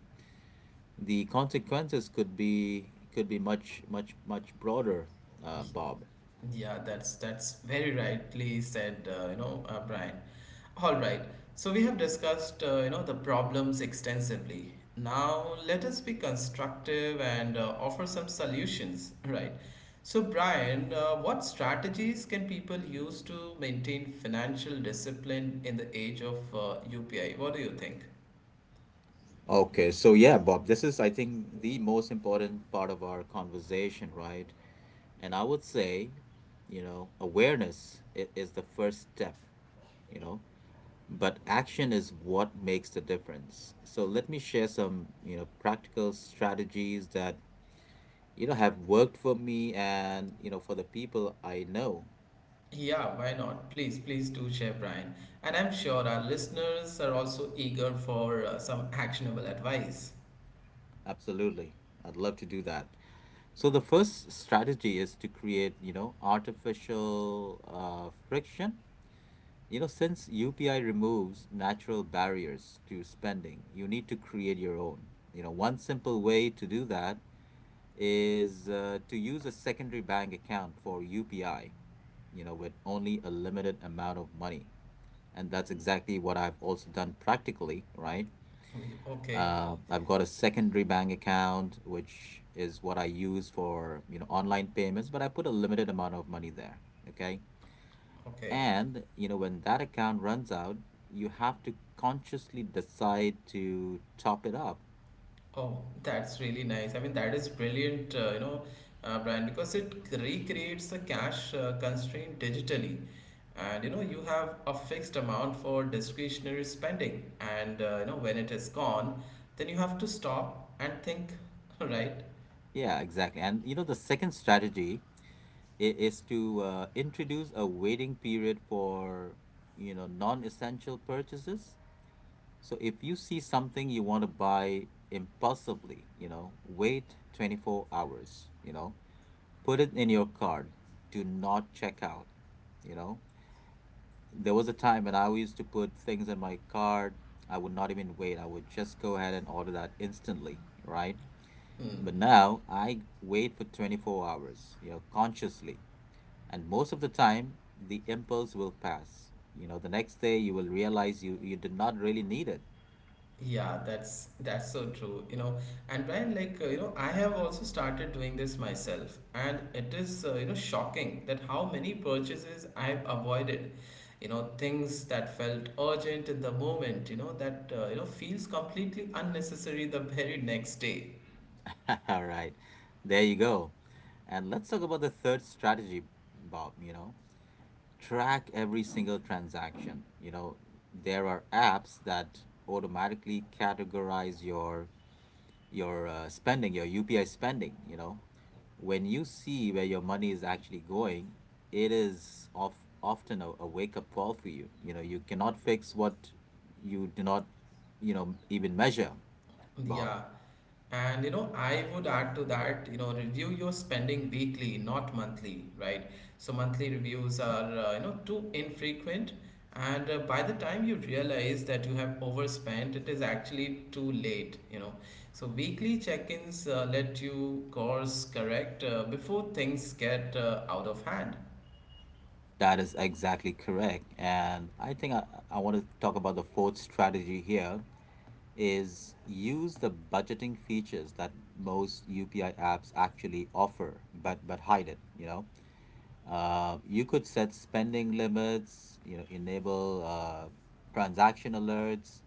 the consequences could be much, much, much broader, Bob.
Yeah, that's very rightly said, you know, Brian. All right. So we have discussed, you know, the problems extensively. Now let us be constructive and offer some solutions, right? So Brian, what strategies can people use to maintain financial discipline in the age of UPI? What do you think?
Okay, so yeah, Bob, this is I think the most important part of our conversation, right? And I would say, awareness is the first step, you know but action is what makes the difference. So let me share some, practical strategies that, have worked for me and, for the people I know.
Yeah, why not? Please, please do share, Brian. And I'm sure our listeners are also eager for some actionable advice.
Absolutely. I'd love to do that. So the first strategy is to create, artificial friction. Since UPI removes natural barriers to spending, you need to create your own. One simple way to do that is to use a secondary bank account for UPI, with only a limited amount of money. And that's exactly what I've also done practically, right?
Oh, Okay,
I've got a secondary bank account, which is what I use for, online payments, but I put a limited amount of money there, okay?
okay.
When that account runs out, you have to consciously decide to top it up.
Oh, that's really nice. I mean, that is brilliant, you know, Brian, because it recreates the cash constraint digitally. And you know, you have a fixed amount for discretionary spending, and you know, when it is gone, then you have to stop and think, right?
Yeah, exactly. The second strategy is to introduce a waiting period for non-essential purchases. So if you see something you want to buy impulsively, wait 24 hours. Put it in your cart. Do not check out. you know there was a time when I used to put things in my cart. I would not even wait. I would just go ahead and order that instantly, right?
Hmm.
But now I wait for 24 hours, consciously. And most of the time, the impulse will pass. The next day you will realize you did not really need it.
Yeah, that's so true. You know, and Brian, like you know, I have also started doing this myself, and it is you know shocking that how many purchases I've avoided. You know, things that felt urgent in the moment. You know that you know feels completely unnecessary the very next day.
All right, there you go. And let's talk about the third strategy, Bob. Track every single transaction. There are apps that automatically categorize your spending, your UPI spending, when you see where your money is actually going, it is of often a wake up call for you. You cannot fix what you do not, even measure, Bob.
Yeah. And you know, I would add to that, you know, review your spending weekly, not monthly, right? So monthly reviews are, you know, too infrequent. And by the time you realize that you have overspent, it is actually too late, you know. So weekly check-ins let you course correct before things get out of hand.
That is exactly correct. And I think I want to talk about the fourth strategy here is use the budgeting features that most UPI apps actually offer, but hide it, you know. You could set spending limits, enable transaction alerts,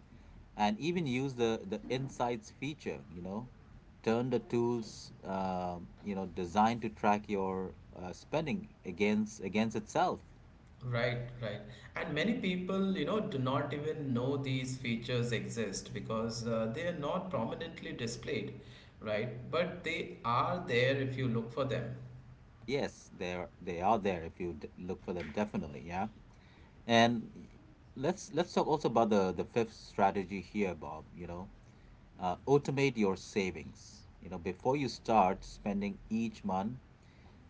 and even use the insights feature, turn the tools, designed to track your spending against itself.
Right, right. And many people, you know, do not even know these features exist because they are not prominently displayed, right? But they are there if you look for them.
Yes, they are there if you look for them definitely, yeah. And let's talk also about the fifth strategy here, Bob. Automate your savings. Before you start spending each month,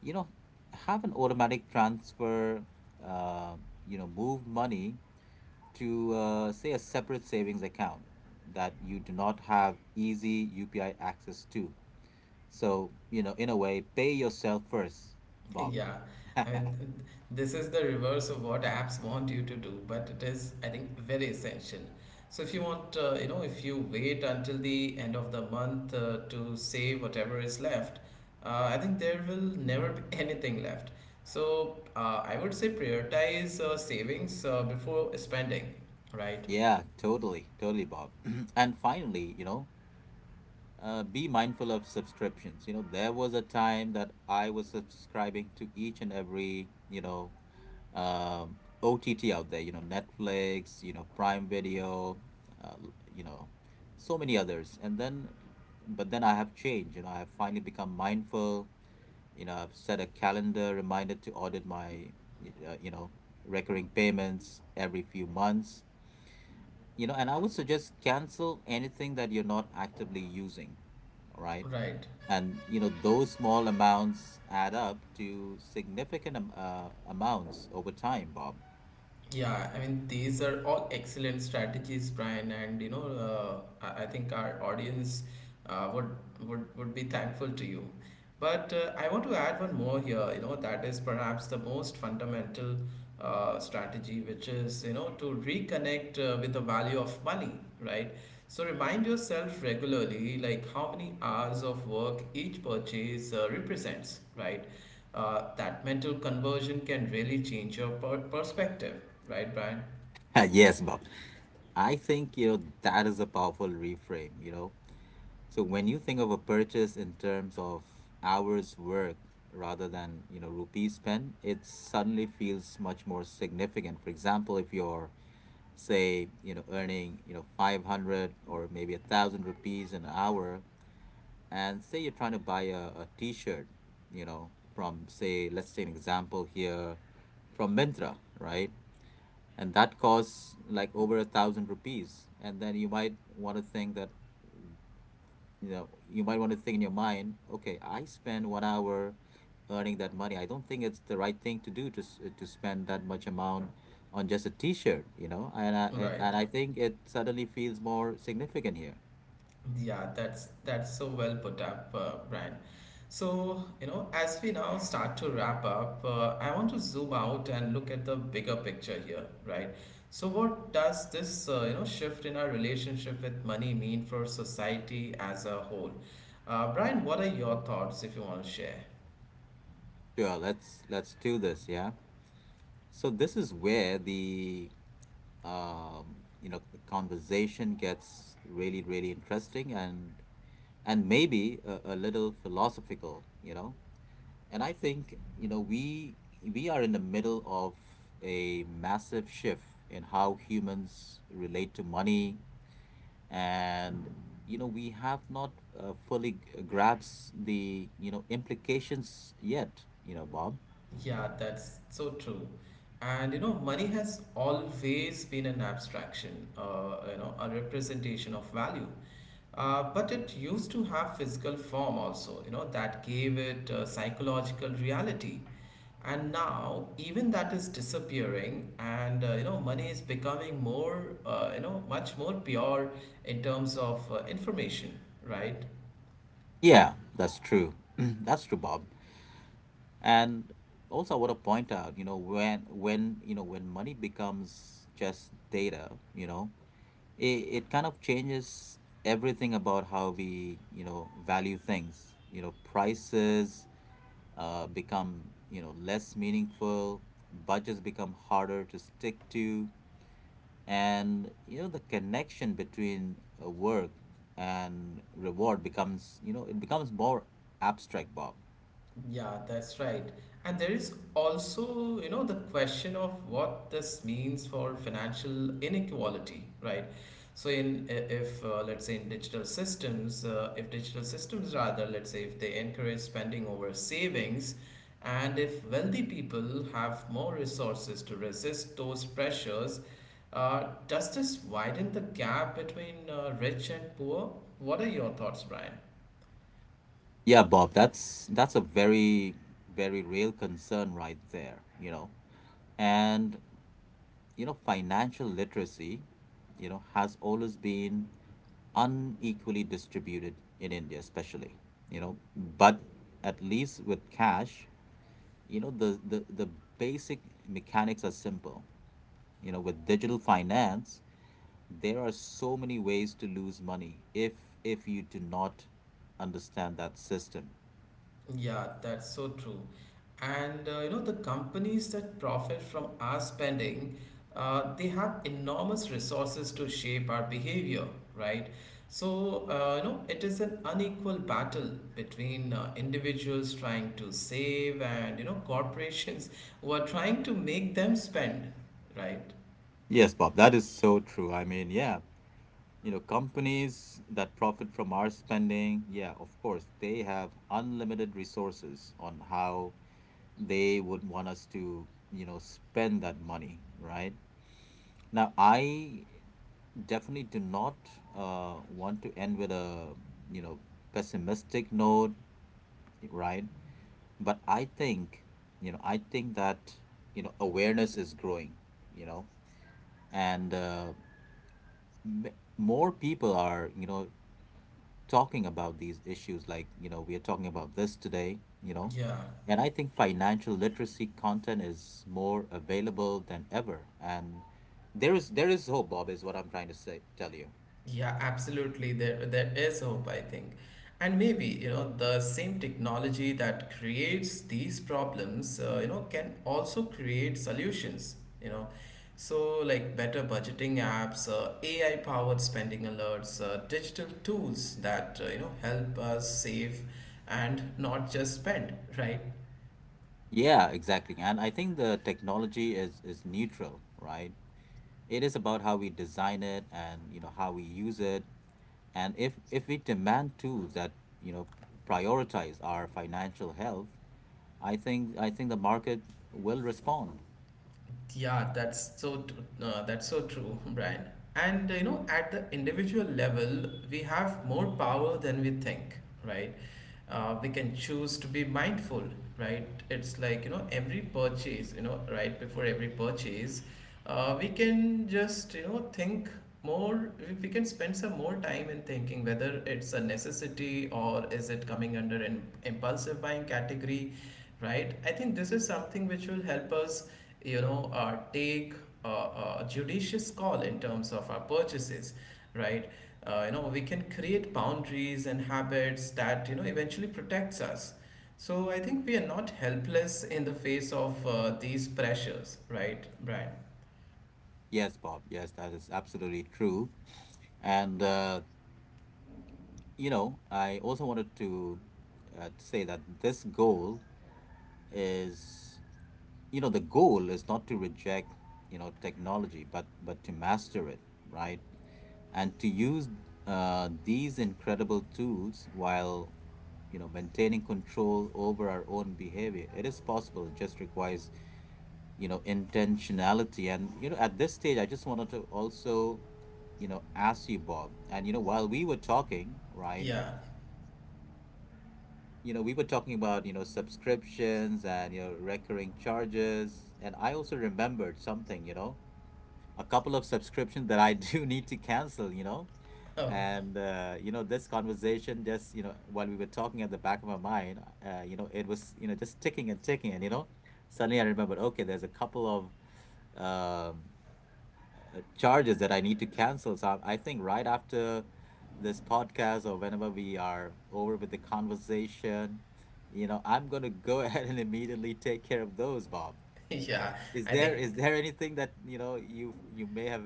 you know have an automatic transfer, uh, move money to say a separate savings account that you do not have easy UPI access to. So, in a way, pay yourself first, Bob.
Yeah, I mean, this is the reverse of what apps want you to do, but it is, I think, very essential. So if you want, you know, if you wait until the end of the month to save whatever is left, I think there will never be anything left. So I would say prioritize savings before spending, right?
Yeah, totally, totally, Bob. And finally, be mindful of subscriptions. There was a time that I was subscribing to each and every, um, OTT out there, Netflix, Prime Video, uh, you know, so many others. But then I have changed. I have finally become mindful. I've set a calendar reminder to audit my, uh, you know, recurring payments every few months. And I would suggest, cancel anything that you're not actively using. All right.
Right.
And those small amounts add up to significant amounts over time, Bob.
Yeah, I mean, these are all excellent strategies, Brian, and you know, I think our audience would would be thankful to you. But I want to add one more here. You know, that is perhaps the most fundamental strategy, which is you know to reconnect with the value of money, right? So remind yourself regularly, like how many hours of work each purchase represents, right? That mental conversion can really change your perspective, right, Brian?
Yes, Bob. I think that is a powerful reframe. So when you think of a purchase in terms of hours work rather than, rupees spent, it suddenly feels much more significant. For example, if you're, say, earning, 500 or maybe 1,000 rupees an hour, and say you're trying to buy a t-shirt, you know, from say, let's say an example here from Mintra, right? And that costs like over 1,000 rupees. And then you might want to think that, you know you might want to think in your mind, okay, I spend 1 hour earning that money. I don't think it's the right thing to do to spend that much amount on just a t-shirt you know and I, I- and
Right.
i think it suddenly feels more significant here.
Yeah, that's so well put up, Brian. So you know, as we now start to wrap up, I want to zoom out and look at the bigger picture here, right? So what does this you know shift in our relationship with money mean for society as a whole, Brian? What are your thoughts if you want to share?
Sure, let's do this, yeah. So this is where the you know the conversation gets really, really interesting, and maybe a little philosophical. And I think, we are in the middle of a massive shift in how humans relate to money, and we have not fully grasped the implications yet, Bob.
Yeah, that's so true. And you know, money has always been an abstraction, you know, a representation of value. But it used to have physical form also, you know, that gave it psychological reality. And now, even that is disappearing, and you know, money is becoming more, you know, much more pure in terms of information, right?
Yeah, that's true. That's true, Bob. And also, I want to point out, when you know when money becomes just data, it kind of changes everything about how we value things. Prices become, less meaningful. Budgets become harder to stick to, and the connection between work and reward becomes you know it becomes more abstract, Bob.
Yeah, that's right. And there is also, you know, the question of what this means for financial inequality, right? So if let's say in digital systems, if digital systems rather, let's say if they encourage spending over savings, and if wealthy people have more resources to resist those pressures, does this widen the gap between rich and poor? What are your thoughts, Brian?
Yeah, Bob, that's a very, very real concern right there. and financial literacy, has always been unequally distributed in India, especially, but at least with cash, the basic mechanics are simple. With digital finance, there are so many ways to lose money if you do not understand that system.
Yeah, that's so true. And you know, the companies that profit from our spending, they have enormous resources to shape our behavior, right? So, you know, it is an unequal battle between individuals trying to save and, you know, corporations who are trying to make them spend, right?
Yes, Bob, that is so true. I mean, yeah. Companies that profit from our spending, yeah, of course they have unlimited resources on how they would want us to, spend that money, right? Now I definitely do not want to end with a you know pessimistic note, right? But I think, I think that awareness is growing, you know and more people are, talking about these issues, like we are talking about this today,
Yeah.
and I think financial literacy content is more available than ever. And there is hope, Bob, is what I'm trying to say tell you.
Yeah, absolutely. There is hope, I think. And maybe, you know, the same technology that creates these problems, you know, can also create solutions, you know. So, like better budgeting apps, AI powered spending alerts, digital tools that, you know, help us save and not just spend, right?
Yeah, exactly. And I think the technology is neutral, right? It is about how we design it and, how we use it. And if we demand tools that, you know prioritize our financial health, I think the market will respond.
Yeah, that's so true, Brian. And you know, at the individual level, we have more power than we think, right? We can choose to be mindful, right? It's like you know, every purchase, you know, right before every purchase, we can just you know think more. We can spend some more time in thinking whether it's a necessity or is it coming under an impulsive buying category, right? I think this is something which will help us, you know, take a judicious call in terms of our purchases, right? You know, we can create boundaries and habits that you know eventually protects us. So I think we are not helpless in the face of these pressures, right, Brian?
Yes, Bob. Yes, that is absolutely true. And, you know, I also wanted to say that this goal is, you know, the goal is not to reject, you know, technology, but to master it, right? And to use these incredible tools while, you know, maintaining control over our own behavior. It is possible. It just requires, intentionality. And at this stage I just wanted to also, ask you, Bob, and, while we were talking, right,
Yeah.
we were talking about, subscriptions and, recurring charges, and I also remembered something, a couple of subscriptions that I do need to cancel,
Oh,
and you know, this conversation, just, while we were talking at the back of my mind, you know, it was, just ticking and ticking, and, suddenly I remembered, okay, there's a couple of charges that I need to cancel. So I think right after this podcast, or whenever we are over with the conversation, you know, I'm gonna go ahead and immediately take care of those, Bob.
yeah.
Is
I
there
think.
is there anything that, you know, you may have,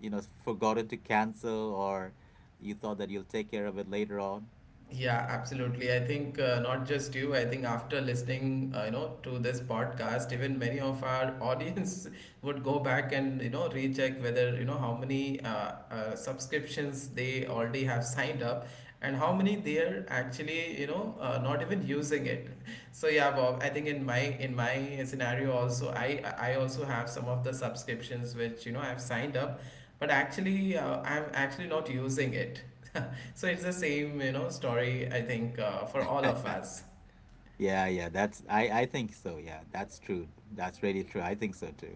you know, forgotten to cancel, or you thought that you'll take care of it later on?
Yeah, absolutely. I think not just you, I think after listening, you know, to this podcast, even many of our audience would go back and, you know, recheck whether, you know, how many subscriptions they already have signed up and how many they are actually, you know, not even using it. So yeah, Bob, I think in my scenario also, I also have some of the subscriptions which, you know, I've signed up, but actually I'm actually not using it. So it's the same, you know, story, I think, for all of us.
Yeah, yeah, that's, I think so. Yeah, that's true. That's really true. I think so too.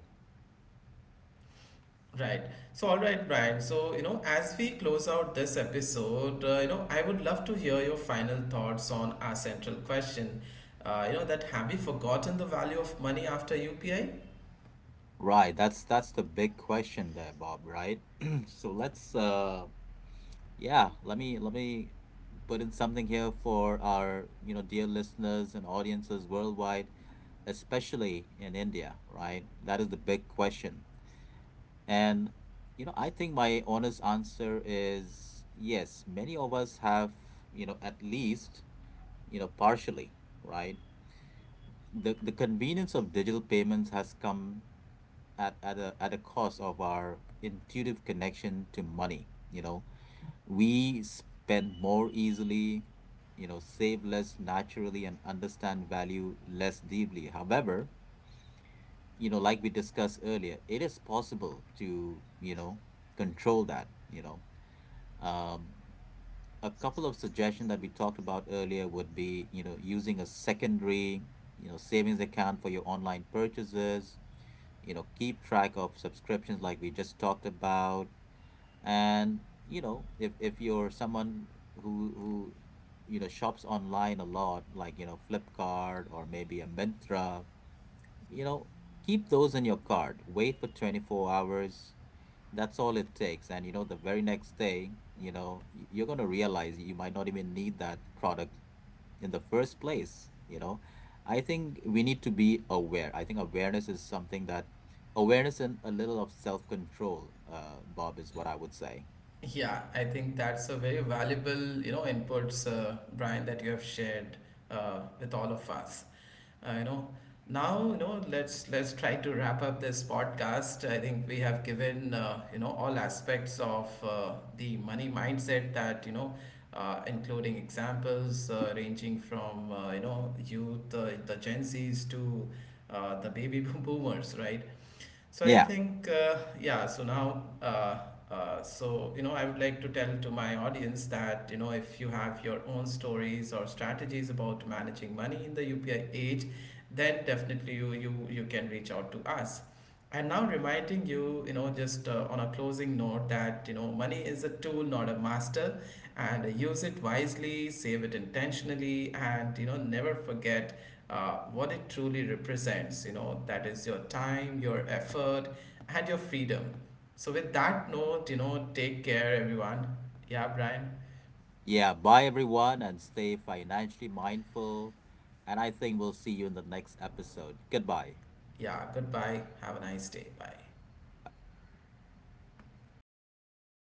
Right. So, all right, Brian. So, you know, as we close out this episode, you know, I would love to hear your final thoughts on our central question. You know, that have we forgotten the value of money after UPI?
Right, that's the big question there, Bob, right? So let's Yeah, let me put in something here for our, you know, dear listeners and audiences worldwide, especially in India, right? That is the big question. And, you know, I think my honest answer is yes, many of us have, you know, at least, you know, partially, right? The convenience of digital payments has come at a cost of our intuitive connection to money. You know, we spend more easily, you know, save less naturally, and understand value less deeply. However, you know, like we discussed earlier, it is possible to, you know, control that, you know. Um, a couple of suggestions that we talked about earlier would be, you know, using a secondary, you know, savings account for your online purchases, you know, keep track of subscriptions like we just talked about, and, you know, if you're someone who you know shops online a lot, like, you know, Flipkart, or maybe a Myntra, you know, keep those in your cart, wait for 24 hours. That's all it takes. And, you know, the very next day, you're going to realize you might not even need that product in the first place, you know. I think we need to be aware. I think awareness is something that, awareness and a little of self-control, Bob, is what I would say.
Yeah, I think that's a very valuable, you know, inputs, Brian, that you have shared with all of us. You know, now, you know, let's try to wrap up this podcast. I think we have given, you know, all aspects of the money mindset that, you know, including examples ranging from, you know, youth, the Gen Zs to the baby boomers, right? So I
Yeah.
think, yeah, so now, so, you know, I would like to tell to my audience that, you know, if you have your own stories or strategies about managing money in the UPI age, then definitely you can reach out to us. And now reminding you, you know, just on a closing note that, you know, money is a tool, not a master, and use it wisely, save it intentionally, and, you know, never forget what it truly represents, you know, that is your time, your effort, and your freedom. So with that note, you know, take care everyone. Yeah, Brian.
Yeah, bye everyone, and stay financially mindful. And I think we'll see you in the next episode. Goodbye.
Yeah, goodbye, have a nice day, bye.